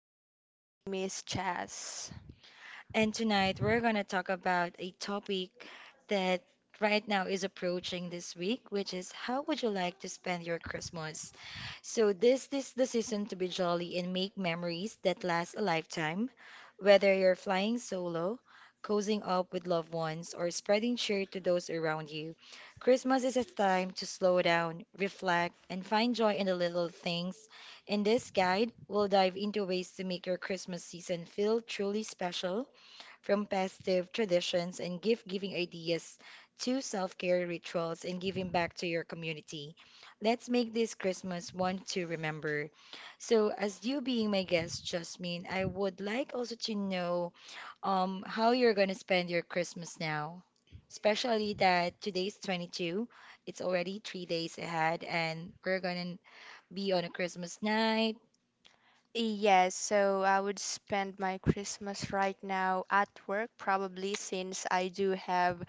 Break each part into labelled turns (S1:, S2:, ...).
S1: everyone, my name is Chaz.
S2: And tonight we're going to talk about a topic that right now is approaching this week, which is how would you like to spend your Christmas? So this is the season to be jolly and make memories that last a lifetime. Whether you're flying solo, cozying up with loved ones, or spreading cheer to those around you, Christmas is a time to slow down, reflect, and find joy in the little things. In this guide, we'll dive into ways to make your Christmas season feel truly special, from festive traditions and gift giving ideas to self care rituals and giving back to your community. Let's make this Christmas one to remember. So, as you being my guest, Jasmine, I would like also to know how you're going to spend your Christmas now, especially that today's 22nd, it's already three days ahead, and we're going to be on a Christmas night.
S1: Yes, so I would spend my Christmas right now at work, probably since I do have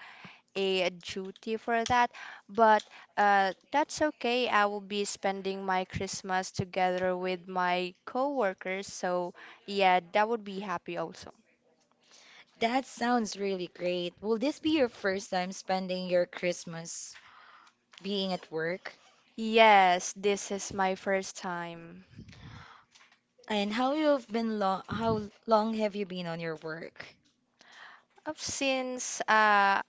S1: a duty for that. But that's okay. I will be spending my Christmas together with my coworkers. So yeah, that would be happy also.
S2: That sounds really great. Will this be your first time spending your Christmas being at work,
S1: Yes, this is my first time.
S2: and how long have you been on your work?
S1: Since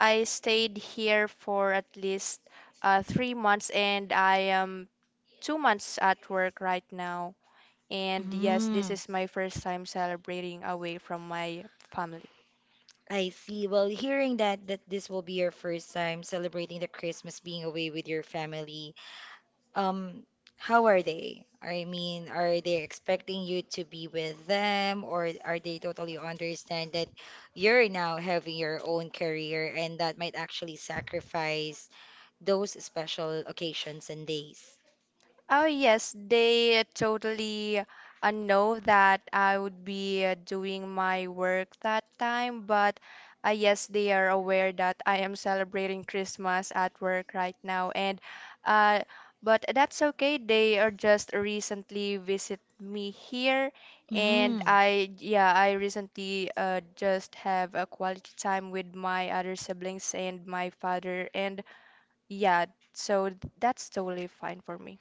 S1: I stayed here for at least 3 months and I am 2 months at work right now. And yes, this
S2: Mm,
S1: is my first time celebrating away from my family.
S2: I see. Well, hearing that this will be your first time celebrating the Christmas being away with your family, um, how are they? I mean, are they expecting you to be with them, or are they totally understand that you're now having your own career, and that might actually sacrifice those special occasions and days.
S1: Oh yes, they totally know that I would be doing my work that time, but yes, they are aware that I am celebrating Christmas at work right now, and uh, but that's okay. They are just recently visit me here, and I recently just have a quality time with my other siblings and my father, and yeah, so that's totally fine for me.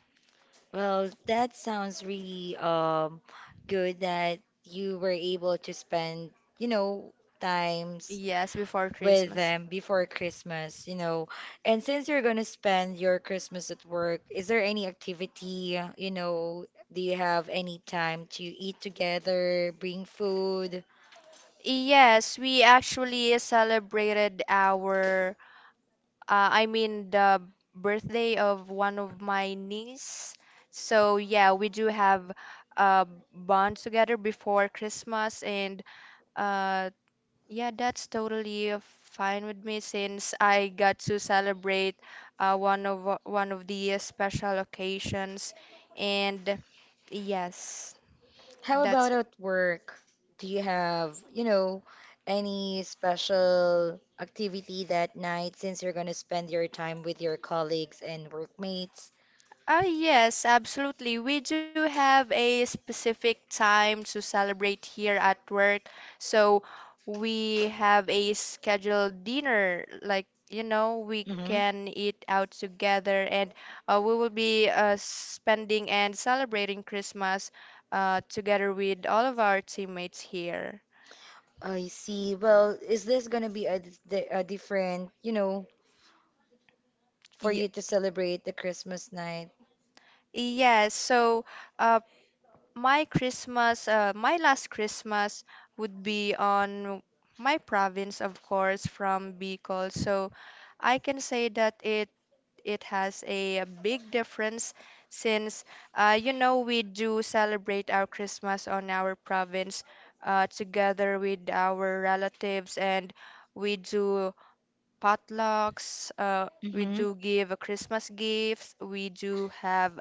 S2: Well, that sounds really good that you were able to spend, you know, times
S1: Yes, before
S2: with
S1: Christmas.
S2: them before Christmas, you know. And since you're gonna spend your Christmas at work, is there any activity, you know, do you have any time to eat together, bring food?
S1: Yes, we actually celebrated our, I mean, the birthday of one of my niece. So, yeah, we do have a bond together before Christmas. And uh, yeah, that's totally fine with me since I got to celebrate one of the special occasions. And yes,
S2: How about
S1: that's.
S2: at work? Do you have, you know, any special activity that night since you're going to spend your time with your colleagues and workmates?
S1: Yes, absolutely. We do have a specific time to celebrate here at work. So we have a scheduled dinner. Like, you know, we
S2: Hmm.
S1: can eat out together and we will be spending and celebrating Christmas together with all of our teammates here.
S2: I see. Well, is this going to be a, a different, you know, for
S1: Ye-
S2: you to celebrate the Christmas night?
S1: Yes, so uh, my Christmas, my last Christmas would be on my province, of course, from Bicol. So I can say that it has a big difference since you know we do celebrate our Christmas on our province together with our relatives and we do potlucks. We
S2: Mm-hmm.
S1: do give Christmas gifts. We do have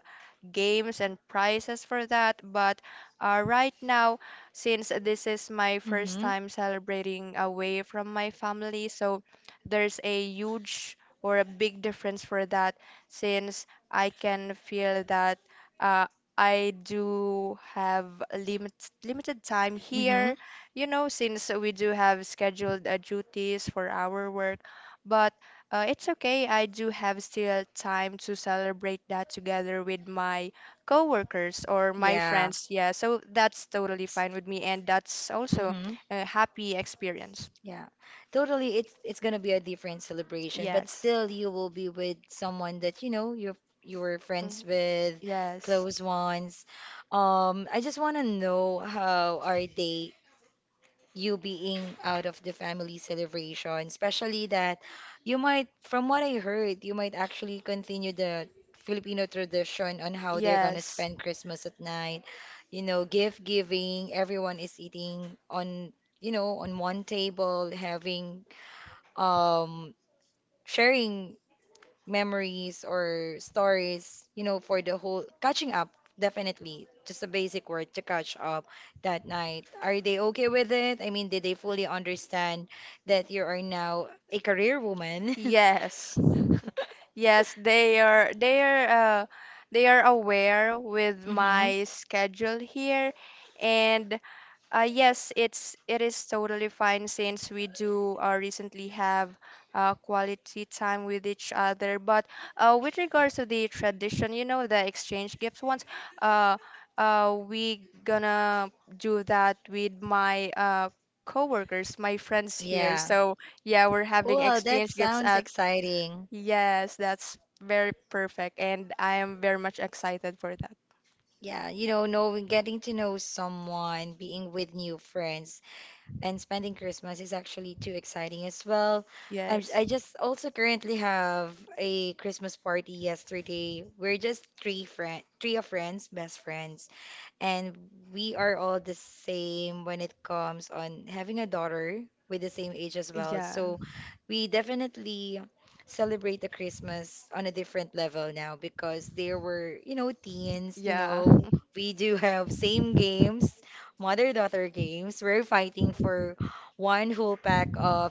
S1: games and prizes for that. But right now, since this is my first
S2: Mm-hmm.
S1: time celebrating away from my family, so there's a huge or a big difference for that since I can feel that uh, I do have a limited time
S2: Mm-hmm.
S1: here, you know, since we do have scheduled duties for our work. But it's okay, I do have still time to celebrate that together with my coworkers or my
S2: Yeah.
S1: friends. Yeah, so that's totally fine with me, and that's also
S2: Mm-hmm.
S1: a happy experience.
S2: Yeah. Totally, it's gonna be a different celebration, but
S1: Yes.
S2: still you will be with someone that you were friends
S1: Mhm.
S2: with,
S1: Yes.
S2: close ones. I just wanna know how are they, you being out of the family celebration, especially that you might, from what I heard, you might actually continue the Filipino tradition on how they're gonna
S1: Yes.
S2: spend Christmas at night. You know, gift giving, everyone is eating on, you know, on one table, having, um, sharing memories or stories, you know, for the whole catching up, definitely. Just a basic word to catch up that night. Are they okay with it? I mean, did they fully understand that you are now a career woman?
S1: Yes. Yes, uh, they are aware with
S2: Mm-hmm.
S1: my schedule here and yes, it is totally fine since we do recently have quality time with each other. But with regards to the tradition, you know, the exchange gifts ones, uh, we gonna do that with my coworkers, my friends here.
S2: Yeah.
S1: So yeah, we're having
S2: Well, that
S1: exchange gifts
S2: sounds
S1: at.
S2: exciting.
S1: Yes, that's very perfect, and I am very much excited for that.
S2: Yeah, you know, knowing, getting to know someone, being with new friends, and spending Christmas is actually too exciting as well.
S1: Yes.
S2: I just also currently have a Christmas party yesterday. We're just three of friends, best friends, and we are all the same when it comes on having a daughter with the same age as well.
S1: Yeah.
S2: So we definitely celebrate the Christmas on a different level now because there were, you know, teens, you
S1: Yeah.
S2: know, we do have same games, mother-daughter games. We're fighting for one whole pack of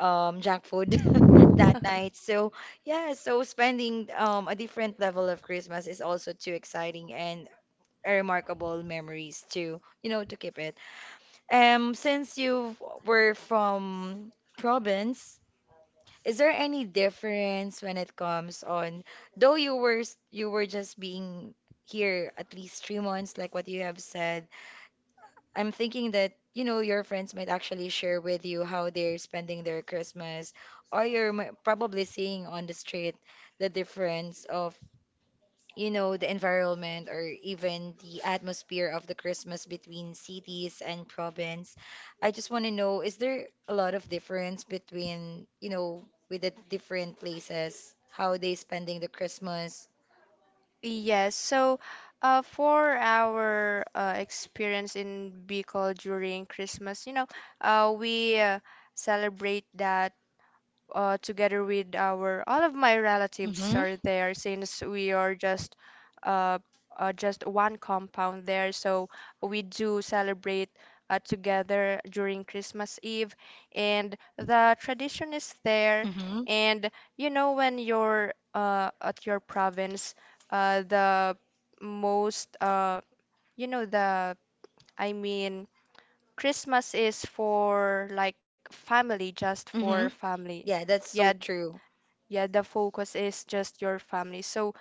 S2: junk food that night. So yeah, so spending a different level of Christmas is also too exciting and a remarkable memories to, you know, to keep it. Since you were from province, is there any difference when it comes on, though you were just being here at least three months, like what you have said, I'm thinking that, you know, your friends might actually share with you how they're spending their Christmas, or probably seeing on the street the difference of, you know, the environment or even the atmosphere of the Christmas between cities and province. I just want to know, is there a lot of difference between, you know, with the different places, how they spending the Christmas?
S1: Yes, so for our experience in Bicol during Christmas, you know, we celebrate that together with our all of my relatives
S2: Mm-hmm.
S1: are there since we are uh, just one compound there. So we do celebrate together during Christmas Eve, and the tradition is there.
S2: Mm-hmm.
S1: And you know when you're at your province, the most you know the I mean, Christmas is for like family, just for
S2: Mm-hmm.
S1: family.
S2: Yeah, that's
S1: Yeah,
S2: so true.
S1: yeah, the focus is just your family. So,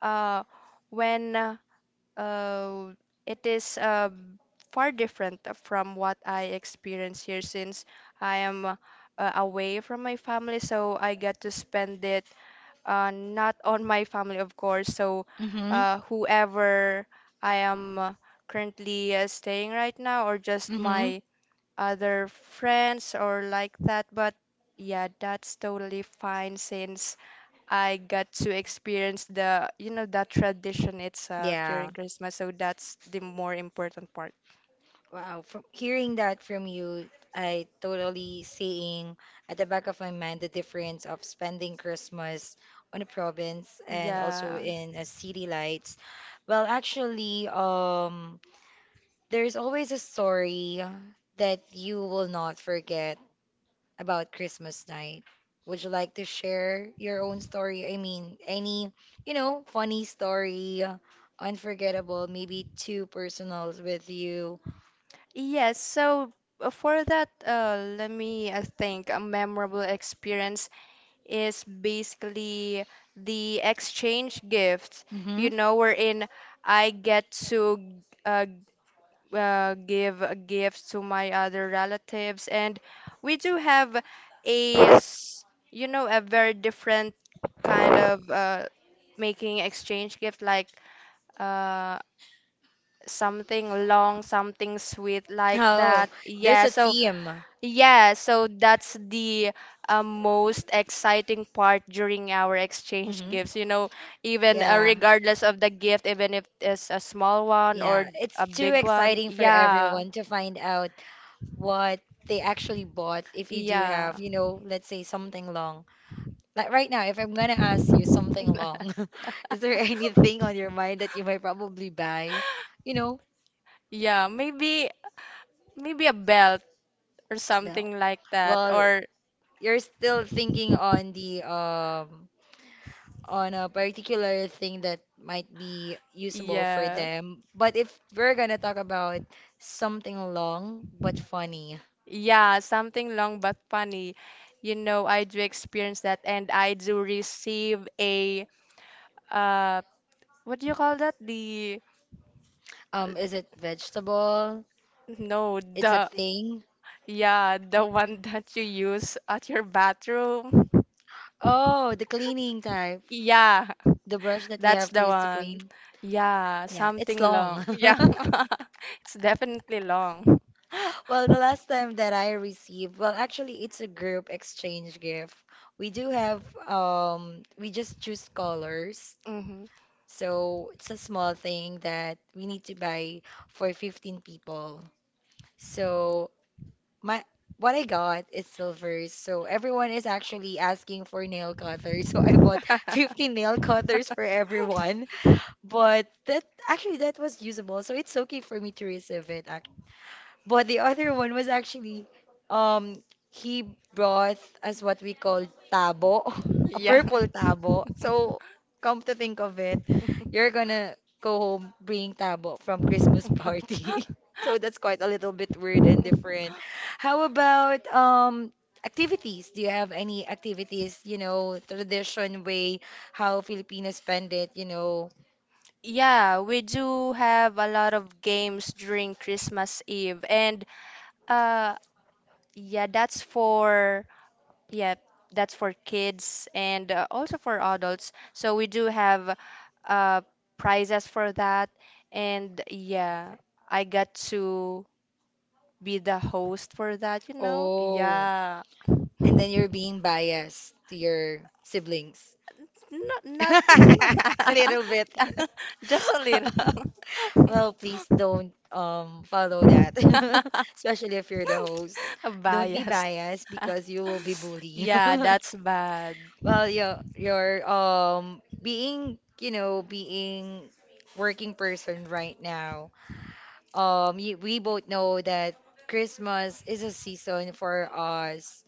S1: uh, when uh, it is far different from what I experience here since I am away from my family, so I get to spend it not on my family, of course. So,
S2: Mm-hmm.
S1: whoever I am currently staying right now, or just
S2: Mm-hmm.
S1: my other friends or like that, but yeah, that's totally fine since I got to experience the, you know, that tradition itself
S2: Yeah.
S1: during Christmas, so that's the more important part.
S2: Wow, from hearing that from you, I totally seeing at the back of my mind the difference of spending Christmas on a province and also
S1: Yeah.
S2: in a city lights. Well, actually, there's always a story that you will not forget about Christmas night. Would you like to share your own story? I mean, any, you know, funny story, unforgettable, maybe too personals with you.
S1: Yes, so for that, let me think. A memorable experience is basically the exchange gifts,
S2: Mm-hmm.
S1: you know, wherein I get to uh, give gifts to my other relatives. And we do have a s- you know, a very different kind of making exchange gift, like uh, something long, something sweet like
S2: Oh,
S1: that.
S2: there's
S1: Yeah,
S2: a
S1: so
S2: theme.
S1: yeah, so that's the most exciting part during our exchange
S2: Hmm.
S1: gifts, you know, even
S2: Yeah.
S1: regardless of the gift, even if it's a small one or
S2: Yeah, it's
S1: a
S2: too
S1: big one.
S2: exciting for
S1: Yeah,
S2: everyone to find out what they actually bought if you do have,
S1: yeah.
S2: you know, let's say something long. Like right now, if I'm gonna ask you something long, is there anything on your mind that you might probably buy? You know,
S1: Yeah, maybe a belt or
S2: well,
S1: something like that
S2: well,
S1: or
S2: you're still thinking on the on a particular thing that might be usable for
S1: yeah.
S2: them. But if we're gonna talk about something long but funny,
S1: Yeah, something long but funny. You know, I do experience that and I do receive a uh what do you call that? The uh,
S2: is it vegetable?
S1: no,
S2: It's a
S1: the
S2: thing.
S1: yeah, the one that you use at your bathroom.
S2: Oh, the cleaning type,
S1: Yeah,
S2: the brush that you
S1: that's
S2: have to
S1: the
S2: use to
S1: one.
S2: clean.
S1: Yeah,
S2: Yeah, it's
S1: something long.
S2: long.
S1: Yeah, it's definitely long.
S2: Well, the last time that I received, well, actually, it's a group exchange gift. We do have, we just choose colors.
S1: hmm.
S2: So it's a small thing that we need to buy for 15 people. So my what I got is silvers. So everyone is actually asking for nail cutters. So I bought 15 nail cutters for everyone. But that actually that was usable. So it's okay for me to receive it, but the other one was actually, um, he brought us what we call tabo, a
S1: Yeah.
S2: purple tabo. So come to think of it, you're gonna go home bringing tabo from Christmas party. So that's quite a little bit weird and different. How about activities? Do you have any activities, you know, tradition way how Filipinos spend it, you know?
S1: Yeah, we do have a lot of games during Christmas Eve, and uh, yeah, that's for yeah, that's for kids and also for adults. So we do have uh, prizes for that. And yeah, I got to be the host for that, you know?
S2: Oh,
S1: Yeah.
S2: and then you're being biased to your siblings.
S1: Not, not
S2: A little bit.
S1: just a
S2: Well, please don't follow that.
S1: little
S2: Especially if you're the host. Don't be
S1: biased.
S2: biased because you will be bullied.
S1: Yeah, that's bad.
S2: Well, yeah, you're being, you know, being working person right now. You, we both know that Christmas is a season for us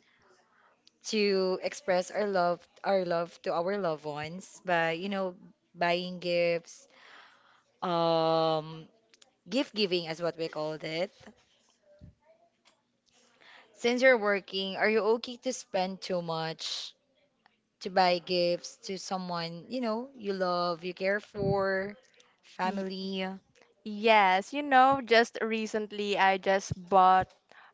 S2: to express our love to our loved ones by, you know, buying gifts, um gift giving is what we called it. Since you're working, are you okay to spend too much to buy gifts to someone you know you love, you care for,
S1: Y-
S2: family?
S1: yes, you know, just recently I just bought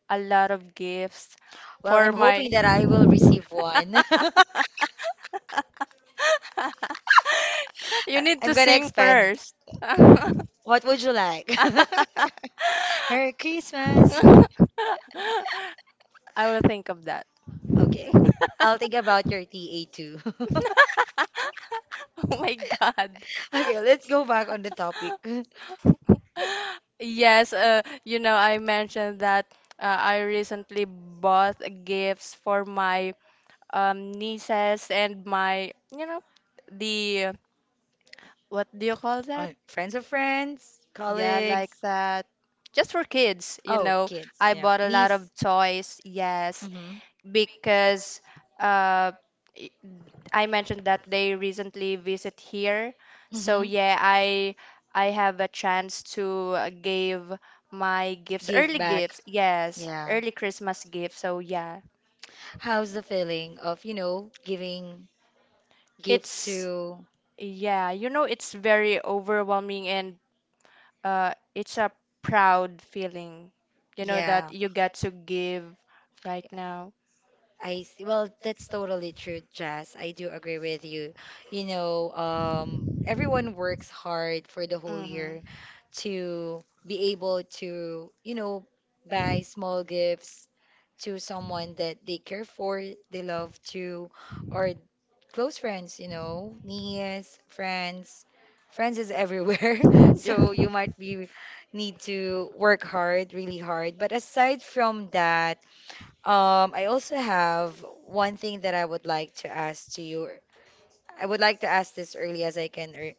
S1: a lot of gifts
S2: Well, I'm
S1: for my
S2: hoping that I will receive one. I-
S1: You need
S2: I'm
S1: to
S2: gonna
S1: sing
S2: expand,
S1: first. I
S2: what would you like? Merry Christmas.
S1: will think of that.
S2: Okay. I'll think about your TA too.
S1: Oh my God.
S2: Okay, let's go back on the topic.
S1: Yes, you know, I mentioned that I recently bought gifts for my nieces and my, you know, the, what do you call that?
S2: On friends of friends,
S1: Yeah, like
S2: colleagues.
S1: that. Just for kids, you
S2: Oh,
S1: know.
S2: kids.
S1: I
S2: Yeah.
S1: bought a lot of
S2: Niece.
S1: toys, yes,
S2: Mm-hmm.
S1: because uh, i- I mentioned that they recently visit here. So
S2: Mm-hmm.
S1: yeah, I have a chance to give my gifts,
S2: Give
S1: early
S2: back.
S1: gifts, yes,
S2: Yeah.
S1: early Christmas gifts. So yeah,
S2: How's the feeling of, you know, giving gifts
S1: it's
S2: to,
S1: yeah, you know, it's very overwhelming and it's a proud feeling, you know, that
S2: yeah.
S1: you get to give right now.
S2: I see. Well, that's totally true, Jazz. I do agree with you. You know, everyone works hard for the whole year
S1: Mm-hmm.
S2: to be able to, you know, buy small gifts to someone that they care for, they love to, or close friends, you know, niece, friends. Friends is everywhere.
S1: Yeah.
S2: So you might be need to work hard, really hard. But aside from that, I also have one thing that I would like to ask to you. I would like to ask this early as I can,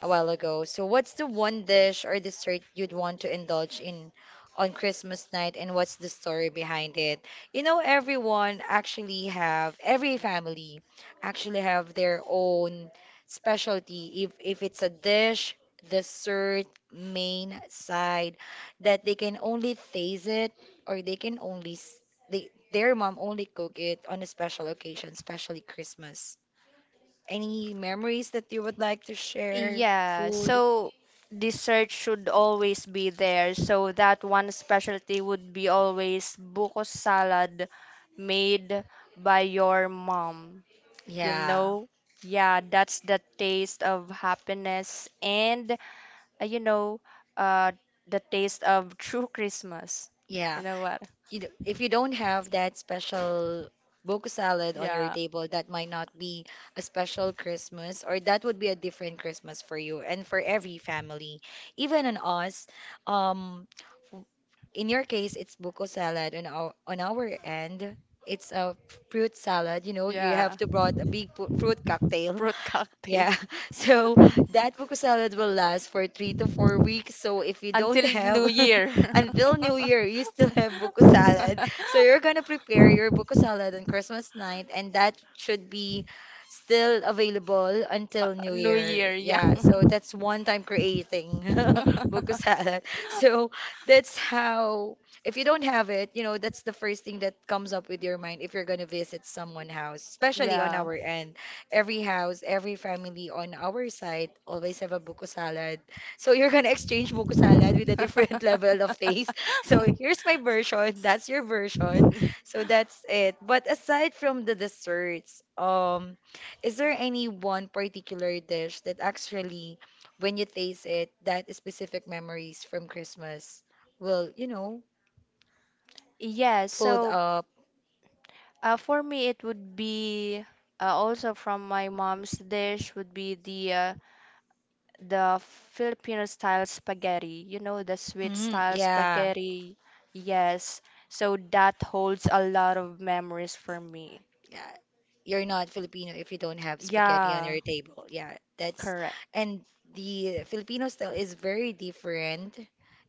S2: a while ago. So, what's the one dish or dessert you'd want to indulge in on Christmas night, and what's the story behind it? You know, every family actually have their own specialty. If it's a dish, dessert, main side that they can only taste it or they their mom only cook it on a special occasion, especially Christmas. Any memories that you would like to share?
S1: Yeah,
S2: Food?
S1: so dessert should always be there. So that one specialty would be always buko salad made by your mom. You
S2: Yeah,
S1: know? Yeah, that's the taste of happiness and you know, uh, the taste of true Christmas.
S2: yeah.
S1: You know what?
S2: You know, if you don't have that special Boku salad on your
S1: Yeah,
S2: table, that might not be a special Christmas, or that would be a different Christmas for you and for every family, even on us. Um, w- in your case, it's buko salad. On our end, it's a fruit salad. You know, you have
S1: yeah.
S2: to brought fruit cocktail.
S1: Fruit cocktail
S2: Yeah, so that buko salad will last for three to four weeks. So if you don't
S1: until
S2: have
S1: New Year.
S2: until New Year, you still have buko salad. So you're gonna prepare your buko salad on Christmas night, and that should be still available until New
S1: New
S2: Year.
S1: Year, yeah.
S2: Yeah, so that's one time creating buko salad. So that's how, if you don't have it, that's the first thing that comes up with your mind if you're gonna visit someone's house, especially on
S1: Yeah.
S2: our end every house, every family on our side always have a buko salad. So you're gonna exchange buko salad with a different level of taste. So here's my version, that's your version. So that's it. But aside from the desserts, is there any one particular dish that actually, when you taste it, that specific memories from Christmas will,
S1: Yeah,
S2: pulled
S1: so.
S2: up?
S1: For me, it would be also from my mom's dish would be the Filipino style spaghetti. You know, the sweet
S2: Mm,
S1: style
S2: yeah.
S1: spaghetti. Yes. So that holds a lot of memories for me.
S2: Yeah, you're not Filipino if you don't have spaghetti on
S1: Yeah,
S2: your table. Yeah, that's
S1: correct.
S2: and the Filipino style is very different.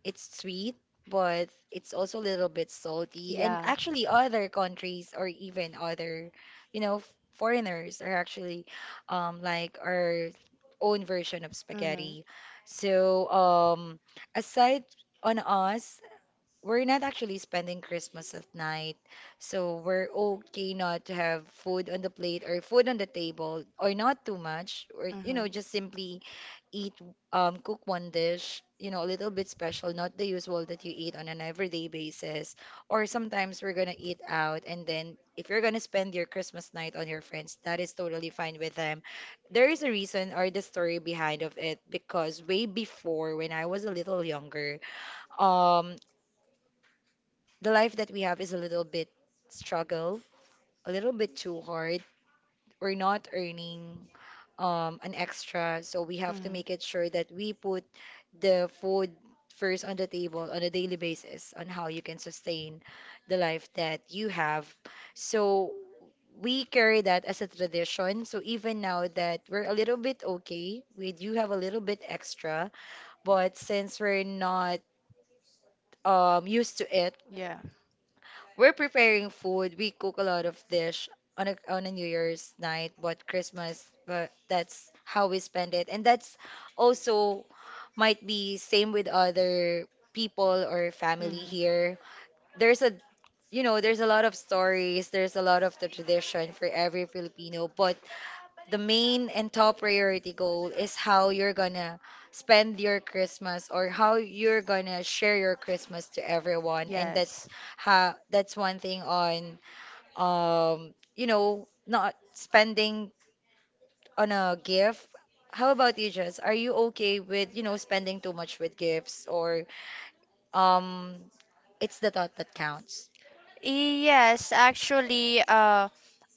S2: It's sweet, but it's also a little bit salty. And
S1: Yeah.
S2: actually, other countries or even other, you know, foreigners are actually like our own version of
S1: Mhm.
S2: spaghetti. So aside on us we're not actually spending Christmas at night. So we're okay not to have food on the plate or food on the table or not too much or you know just simply eat cook one dish, you know, a little bit special, not the usual that you eat on an everyday basis. Or sometimes we're gonna eat out and then if you're gonna spend your Christmas night on your friends, that is totally fine with them. There is a reason or the story behind of it because way before when I was a little younger, um the life that we have is a little bit struggle, a little bit too hard. We're not earning an extra, so we have to make it sure that we put the food first on the table on a daily basis on how you can sustain the life that you have. So we carry that as a tradition. So even now that we're a little bit okay, we do have a little bit extra, but since we're not used to it,
S1: Yeah.
S2: we're preparing food. We cook a lot of dish on a New Year's night, but Christmas, but that's how we spend it. And that's also might be same with other people or family here. There's a you know, there's a lot of stories, there's a lot of the tradition for every Filipino, but the main and top priority goal is how you're gonna spend your Christmas or how you're gonna share your Christmas to everyone. And that's how that's one thing on you know not spending on a gift. How about you, Jess? Are you okay with, you know, spending too much with gifts or um it's the thought that counts?
S1: Yes, actually,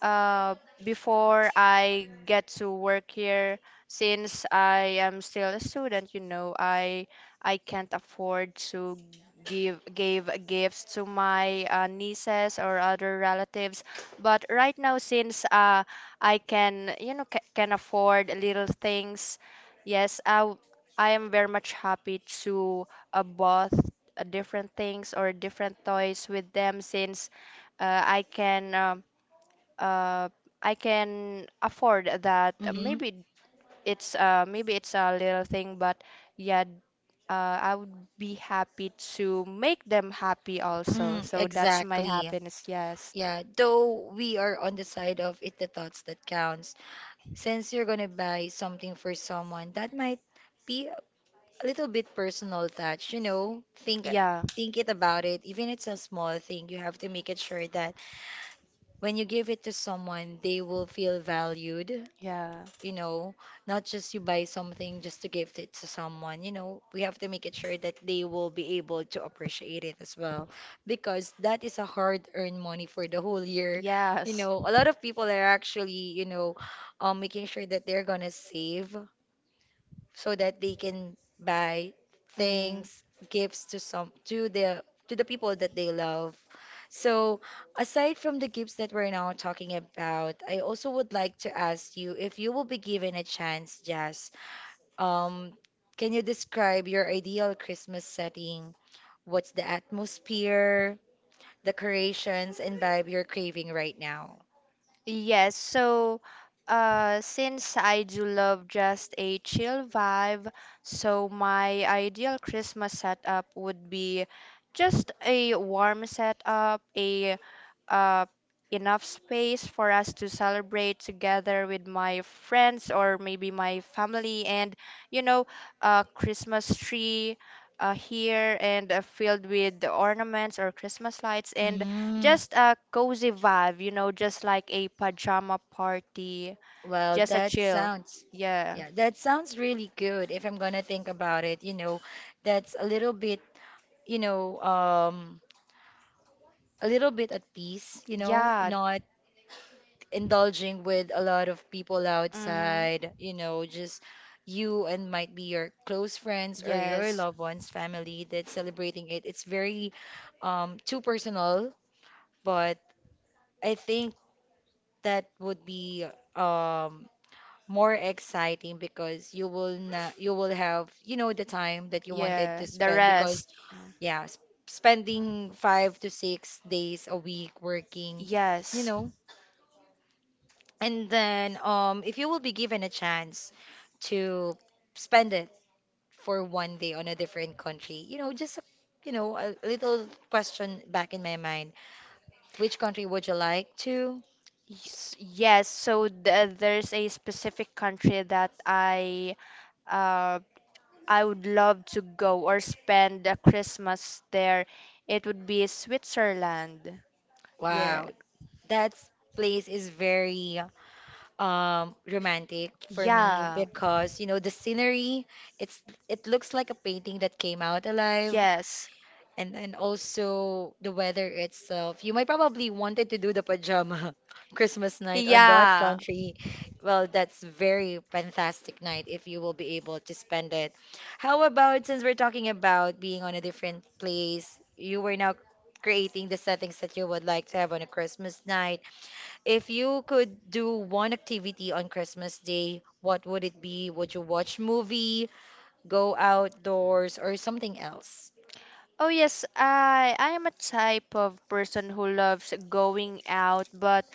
S1: uh, before I get to work here, since I am still a student, you know, I can't afford to give gifts to my nieces or other relatives. But right now, since I can, you know, ca can afford little things, yes, I am very much happy to both different things or different toys with them since uh, I can um, uh, I can afford that.
S2: Mm-hmm.
S1: Maybe it's a little thing, but yeah, uh, I would be happy to make them happy also.
S2: Mm,
S1: So that's my
S2: exactly.
S1: happiness. Yes.
S2: Yeah, though we are on the side of it the thoughts that counts. Since you're gonna buy something for someone, that might be a little bit personal touch, you know. Think
S1: Yeah.
S2: think it about it. Even it's a small thing, you have to make it sure that when you give it to someone, they will feel valued
S1: Yeah.
S2: you know, not just you buy something just to gift it to someone, you know, we have to make it sure that they will be able to appreciate it as well because that is a hard-earned money for the whole year. You
S1: Yes.
S2: know, a lot of people are actually, you know, making sure that they're gonna save so that they can buy
S1: Mm-hmm.
S2: things, gifts to some to the people that they love. So, aside from the gifts that we're now talking about, I also would like to ask you if you will be given a chance, Jazz, um, can you describe your ideal Christmas setting? What's the atmosphere, decorations, and vibe you're craving right now?
S1: Yes, so since I do love just a chill vibe, so my ideal Christmas setup would be just a warm setup, a uh, enough space for us to celebrate together with my friends or maybe my family, and you know, a Christmas tree here and filled with ornaments or Christmas lights and
S2: Mm.
S1: just a cozy vibe, you know, just like a pajama party,
S2: Well,
S1: just a
S2: that
S1: chill.
S2: sounds,
S1: Yeah.
S2: yeah, that sounds really good. If I'm gonna think about it, you know, that's a little bit, you know, a little bit at peace, you know,
S1: Yeah.
S2: not indulging with a lot of people
S1: Mm-hmm.
S2: outside, you know, just you and might be your close friends or your
S1: Yes.
S2: loved ones, family that's celebrating it. It's very, too personal, but I think that would be, um, more exciting because you will not, you will have, you know, the time that you wanted
S1: Yeah.
S2: to
S1: The
S2: spend
S1: rest.
S2: because, yeah, spending 5 to 6 days a week working, you
S1: Yes.
S2: know. And then, if you will be given a chance to spend it for one day on a different country, you know, just a, you know, a little question back in my mind, which country would you like to?
S1: Yes. Yes. So th there's a specific country that uh I would love to go or spend a Christmas there. It would be Switzerland. Yeah.
S2: Wow, that place is very romantic for me
S1: Yeah.
S2: because you know the scenery it's it looks like a painting that came out alive
S1: Yes.
S2: and also the weather itself you might probably wanted to do the pajama Christmas night on that
S1: Yeah.
S2: country well that's very fantastic night if you will be able to spend it how about since we're talking about being on a different place you were now creating the settings that you would like to have on a Christmas night if you could do one activity on Christmas Day, what would it be? Would you watch movie, go outdoors, or something else?
S1: Oh yes, I am a type of person who loves going out, but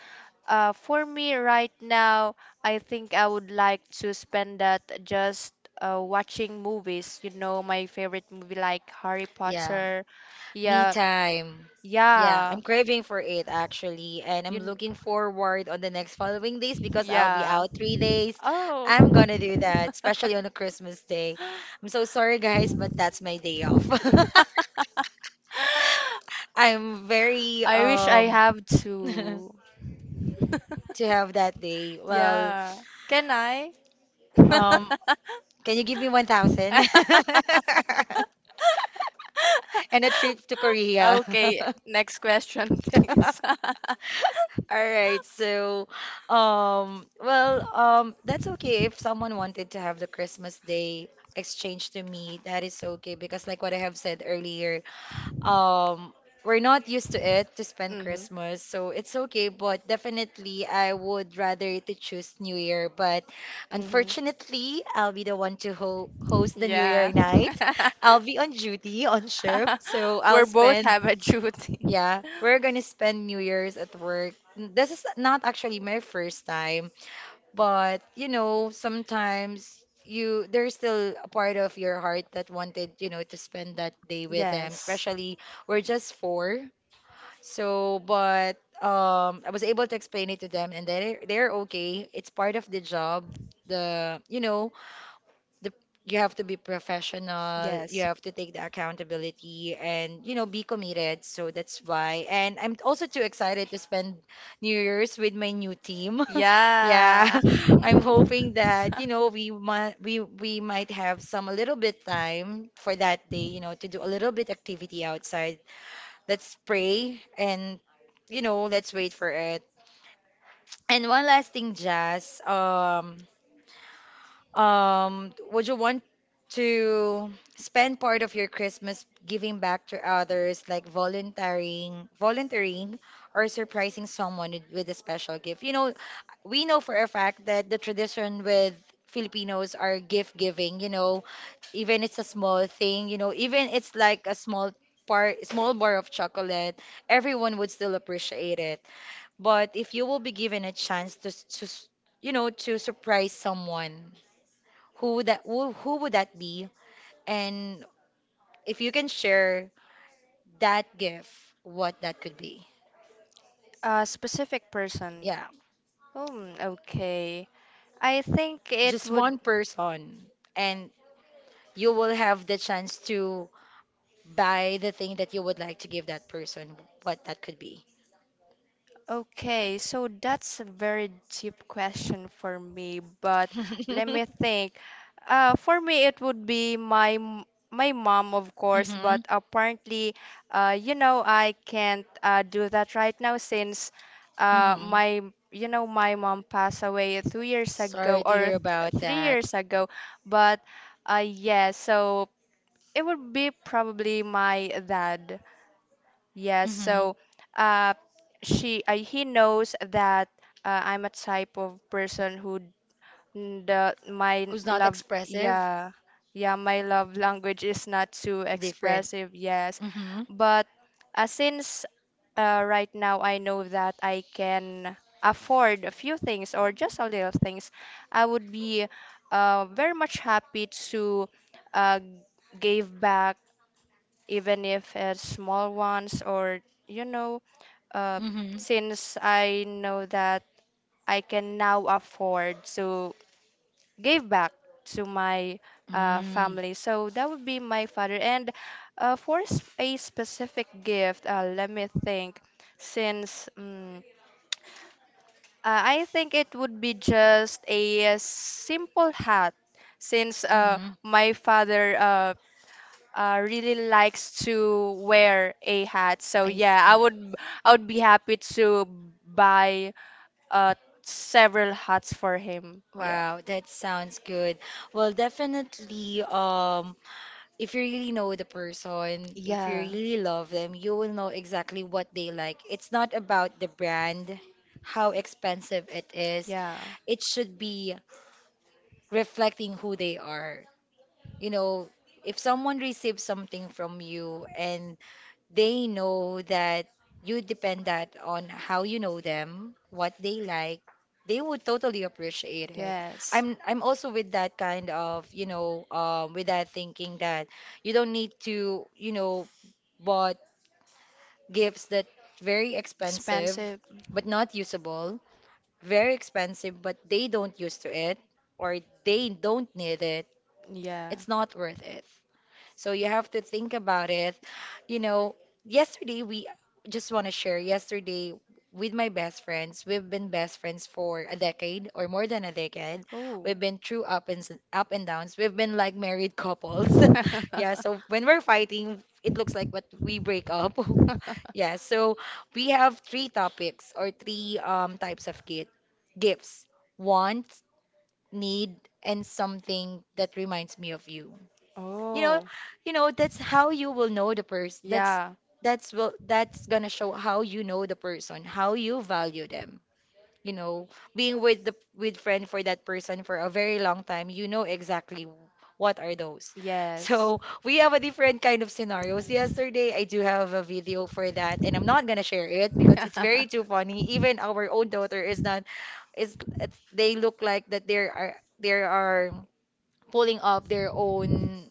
S1: for me right now, I think I would like to spend that just watching movies, you know, my favorite movie like Harry
S2: Yeah.
S1: Potter.
S2: Me
S1: Yeah.
S2: time. Yeah, I'm
S1: Yeah.
S2: craving for it actually, and I'm
S1: You kn-
S2: looking forward on the next following days because I'll be
S1: yeah.
S2: out 3 days.
S1: Oh.
S2: I'm gonna do that, especially on a Christmas day. I'm so sorry guys, but that's my day off. I'm very
S1: I wish I have
S2: to
S1: to.
S2: have that day. Well,
S1: Yeah. Can I?
S2: Um, can you give me 1,000? And a trip to Korea.
S1: Okay, next question, please.
S2: All right, so well that's okay if someone wanted to have the Christmas Day exchange to me, that is okay because like what I have said earlier, um we're not used to it to spend
S1: Mhm.
S2: Christmas, so it's okay, but definitely I would rather to choose New Year, but
S1: Mhm.
S2: unfortunately, I'll be the one to ho host the New Year
S1: Yeah.
S2: night. I'll be on duty on shift, so I'll
S1: We're both
S2: spend
S1: have a duty.
S2: yeah, we're gonna spend New Year's at work. This is not actually my first time. But you know, sometimes you there's still a part of your heart that wanted, you know, to spend that day with them,
S1: Yes.
S2: especially we're just four. So, but I was able to explain it to them and they're okay. It's part of the job. The, you know, the you have to be professional, you
S1: Yes.
S2: have to take the accountability and you know be committed. So that's why. And I'm also too excited to spend New Year's with my new team. Yeah.
S1: Yeah.
S2: I'm hoping that, you know, we might have some a little bit time for that day, you know, to do a little bit activity outside. Let's pray and you know, let's wait for it. And one last thing, Jazz. Would you want to spend part of your Christmas giving back to others, like volunteering, or surprising someone with a special gift? You know, we know for a fact that the tradition with Filipinos are gift giving, you know, even it's a small thing, you know, even it's like a small part, small bar of chocolate, everyone would still appreciate it. But if you will be given a chance to, to, you know, to surprise someone who would that who would that be? And if you can share that gift, what that could be.
S1: A specific person.
S2: Yeah,
S1: Hmm. Okay. I think it
S2: just
S1: would.
S2: one person, and you will have the chance to buy the thing that you would like to give that person. What that could be.
S1: Okay, so that's a very deep question for me, but let me think. For me, it would be my mom, of course,
S2: Mm-hmm.
S1: but apparently, you know, I can't do that right now since
S2: Mm-hmm.
S1: my you know my mom passed away 2 years ago
S2: Sorry to
S1: or
S2: hear
S1: th
S2: about
S1: three
S2: that.
S1: years ago. But yeah, so it would be probably my dad. Yes,
S2: Mm-hmm.
S1: so uh, she he knows that I'm a type of person who n- the my
S2: Who's not
S1: love
S2: expressive?
S1: yeah yeah my love language is not too
S2: Different.
S1: expressive. Yes,
S2: Mm-hmm.
S1: but since right now I know that I can afford a few things or just a little things I would be very much happy to uh, give back even if it's small ones or you know uh,
S2: Mm-hmm.
S1: since I know that I can now afford to give back to my
S2: Mm.
S1: family. So that would be my father. And for a specific gift, let me think. Since I think it would be just a, simple hat, since
S2: Mm-hmm.
S1: my father really likes to wear a hat. So
S2: I see.
S1: yeah, I would be happy to buy uh several hats for him. Yeah.
S2: Wow, that sounds good. Well, definitely, if you really know the person, if you
S1: Yeah,
S2: really love them, you will know exactly what they like. It's not about the brand, how expensive it is.
S1: yeah.
S2: It should be reflecting who they are. You know, if someone receives something from you and they know that you depend that on how you know them, what they like, they would totally appreciate it.
S1: Yes.
S2: I'm also with that kind of, you know, with that thinking that you don't need to, you know, bought gifts that very expensive
S1: Expensive.
S2: but not usable, very expensive but they don't use to it or they don't need it.
S1: Yeah.
S2: It's not worth it. So you have to think about it. You know, yesterday we just want to share yesterday with my best friends. We've been best friends for a decade or more than a decade.
S1: Oh.
S2: We've been through up and up and downs. We've been like married couples. Yeah, so when we're fighting, it looks like what we break up. Yeah, so we have three topics or three types of gifts. Want, need, and something that reminds me of you you know
S1: Oh.
S2: you know that's how you will know the person
S1: Yeah.
S2: that's will that's gonna show how you know the person how you value them you know being with the with friend for that person for a very long time you know exactly what are those
S1: Yes.
S2: so we have a different kind of scenarios yesterday I do have a video for that and I'm not gonna share it because it's very too funny even our own daughter is not is it's, they look like that there are they are pulling up their own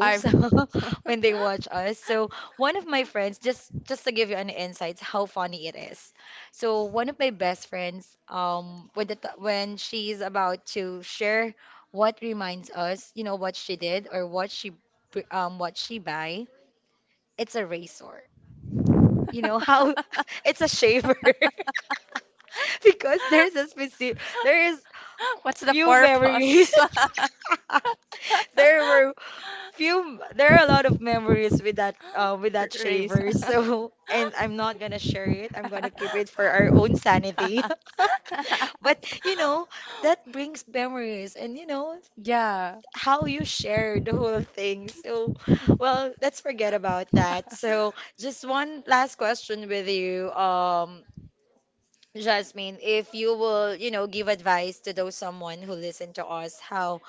S1: I
S2: when they watch us. So one of my friends, just to give you an insight how funny it is. So one of my best friends, when when she's about to share what reminds us, you know, what she did or what she what she buy, it's a razor. You know how it's a shaver because there's a specific there is
S1: What's the
S2: few memories.
S1: purpose?
S2: There were. Few there are a lot of memories with that
S1: Race,
S2: shaver. So, and I'm not gonna share it. I'm gonna keep it for our own sanity. But you know, that brings memories and you know
S1: Yeah.
S2: how you share the whole thing. So, well, let's forget about that. So, just one last question with you, Jasmine, if you will, you know, give advice to those someone who listen to us, how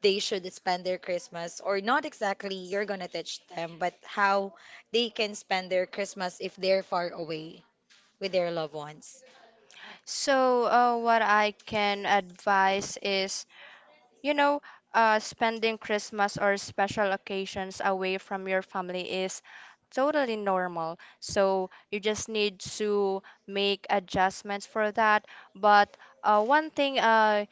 S2: they should spend their Christmas, or not exactly you're gonna teach them, but how they can spend their Christmas if they're far away with their loved ones.
S1: So, what I can advise is You know, spending Christmas or special occasions away from your family is totally normal. So you just need to make adjustments for that. But one thing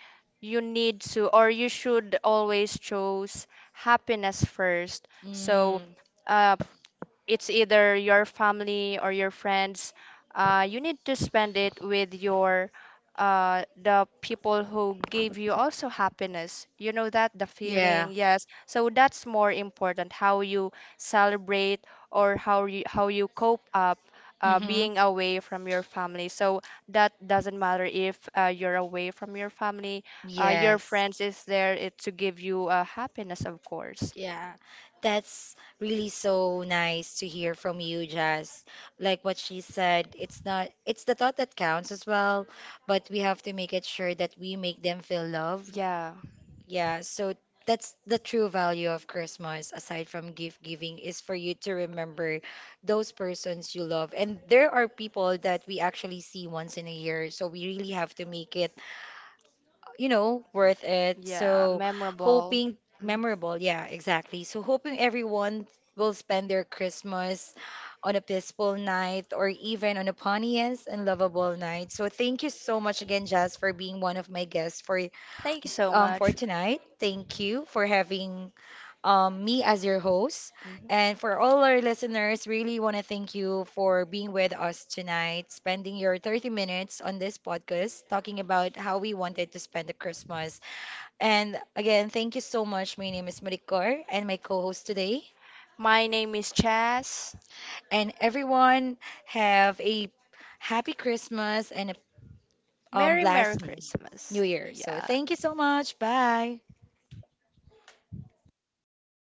S1: you need to, or you should always choose happiness first. So
S2: Mm,
S1: uh, it's either your family or your friends. You need to spend it with your the people who give you also happiness. You know that the feeling,
S2: yeah.
S1: yes. So that's more important how you celebrate or how you cope up
S2: Mm-hmm.
S1: being away from your family. So that doesn't matter if you're away from your family. Your
S2: Yes.
S1: friends is there it, to give you happiness, of course.
S2: Yeah, that's really so nice to hear from you, Jazz. Like what she said, it's not, it's the thought that counts as well, but we have to make it sure that we make them feel love.
S1: Yeah.
S2: Yeah, so that's the true value of Christmas, aside from gift giving, is for you to remember those persons you love. And there are people that we actually see once in a year, so we really have to make it you know, worth it.
S1: Yeah,
S2: So,
S1: memorable.
S2: hoping
S1: Mhm.
S2: memorable. Yeah, exactly. So, hoping everyone will spend their Christmas on a peaceful night or even on a funniest and lovable night. So, thank you so much again, Jazz, for being one of my guests
S1: Thank you so much.
S2: for tonight. Thank you for having me as your host.
S1: Mhm.
S2: And for all our listeners, really want to thank you for being with us tonight, spending your 30 minutes on this podcast, talking about how we wanted to spend the Christmas. And again, thank you so much. My name is Maricor and my co host today.
S1: My name is Chas.
S2: And everyone, have a happy Christmas and a
S1: Merry Merry
S2: blessed
S1: Christmas.
S2: new year. So
S1: Yeah.
S2: thank you so much. Bye.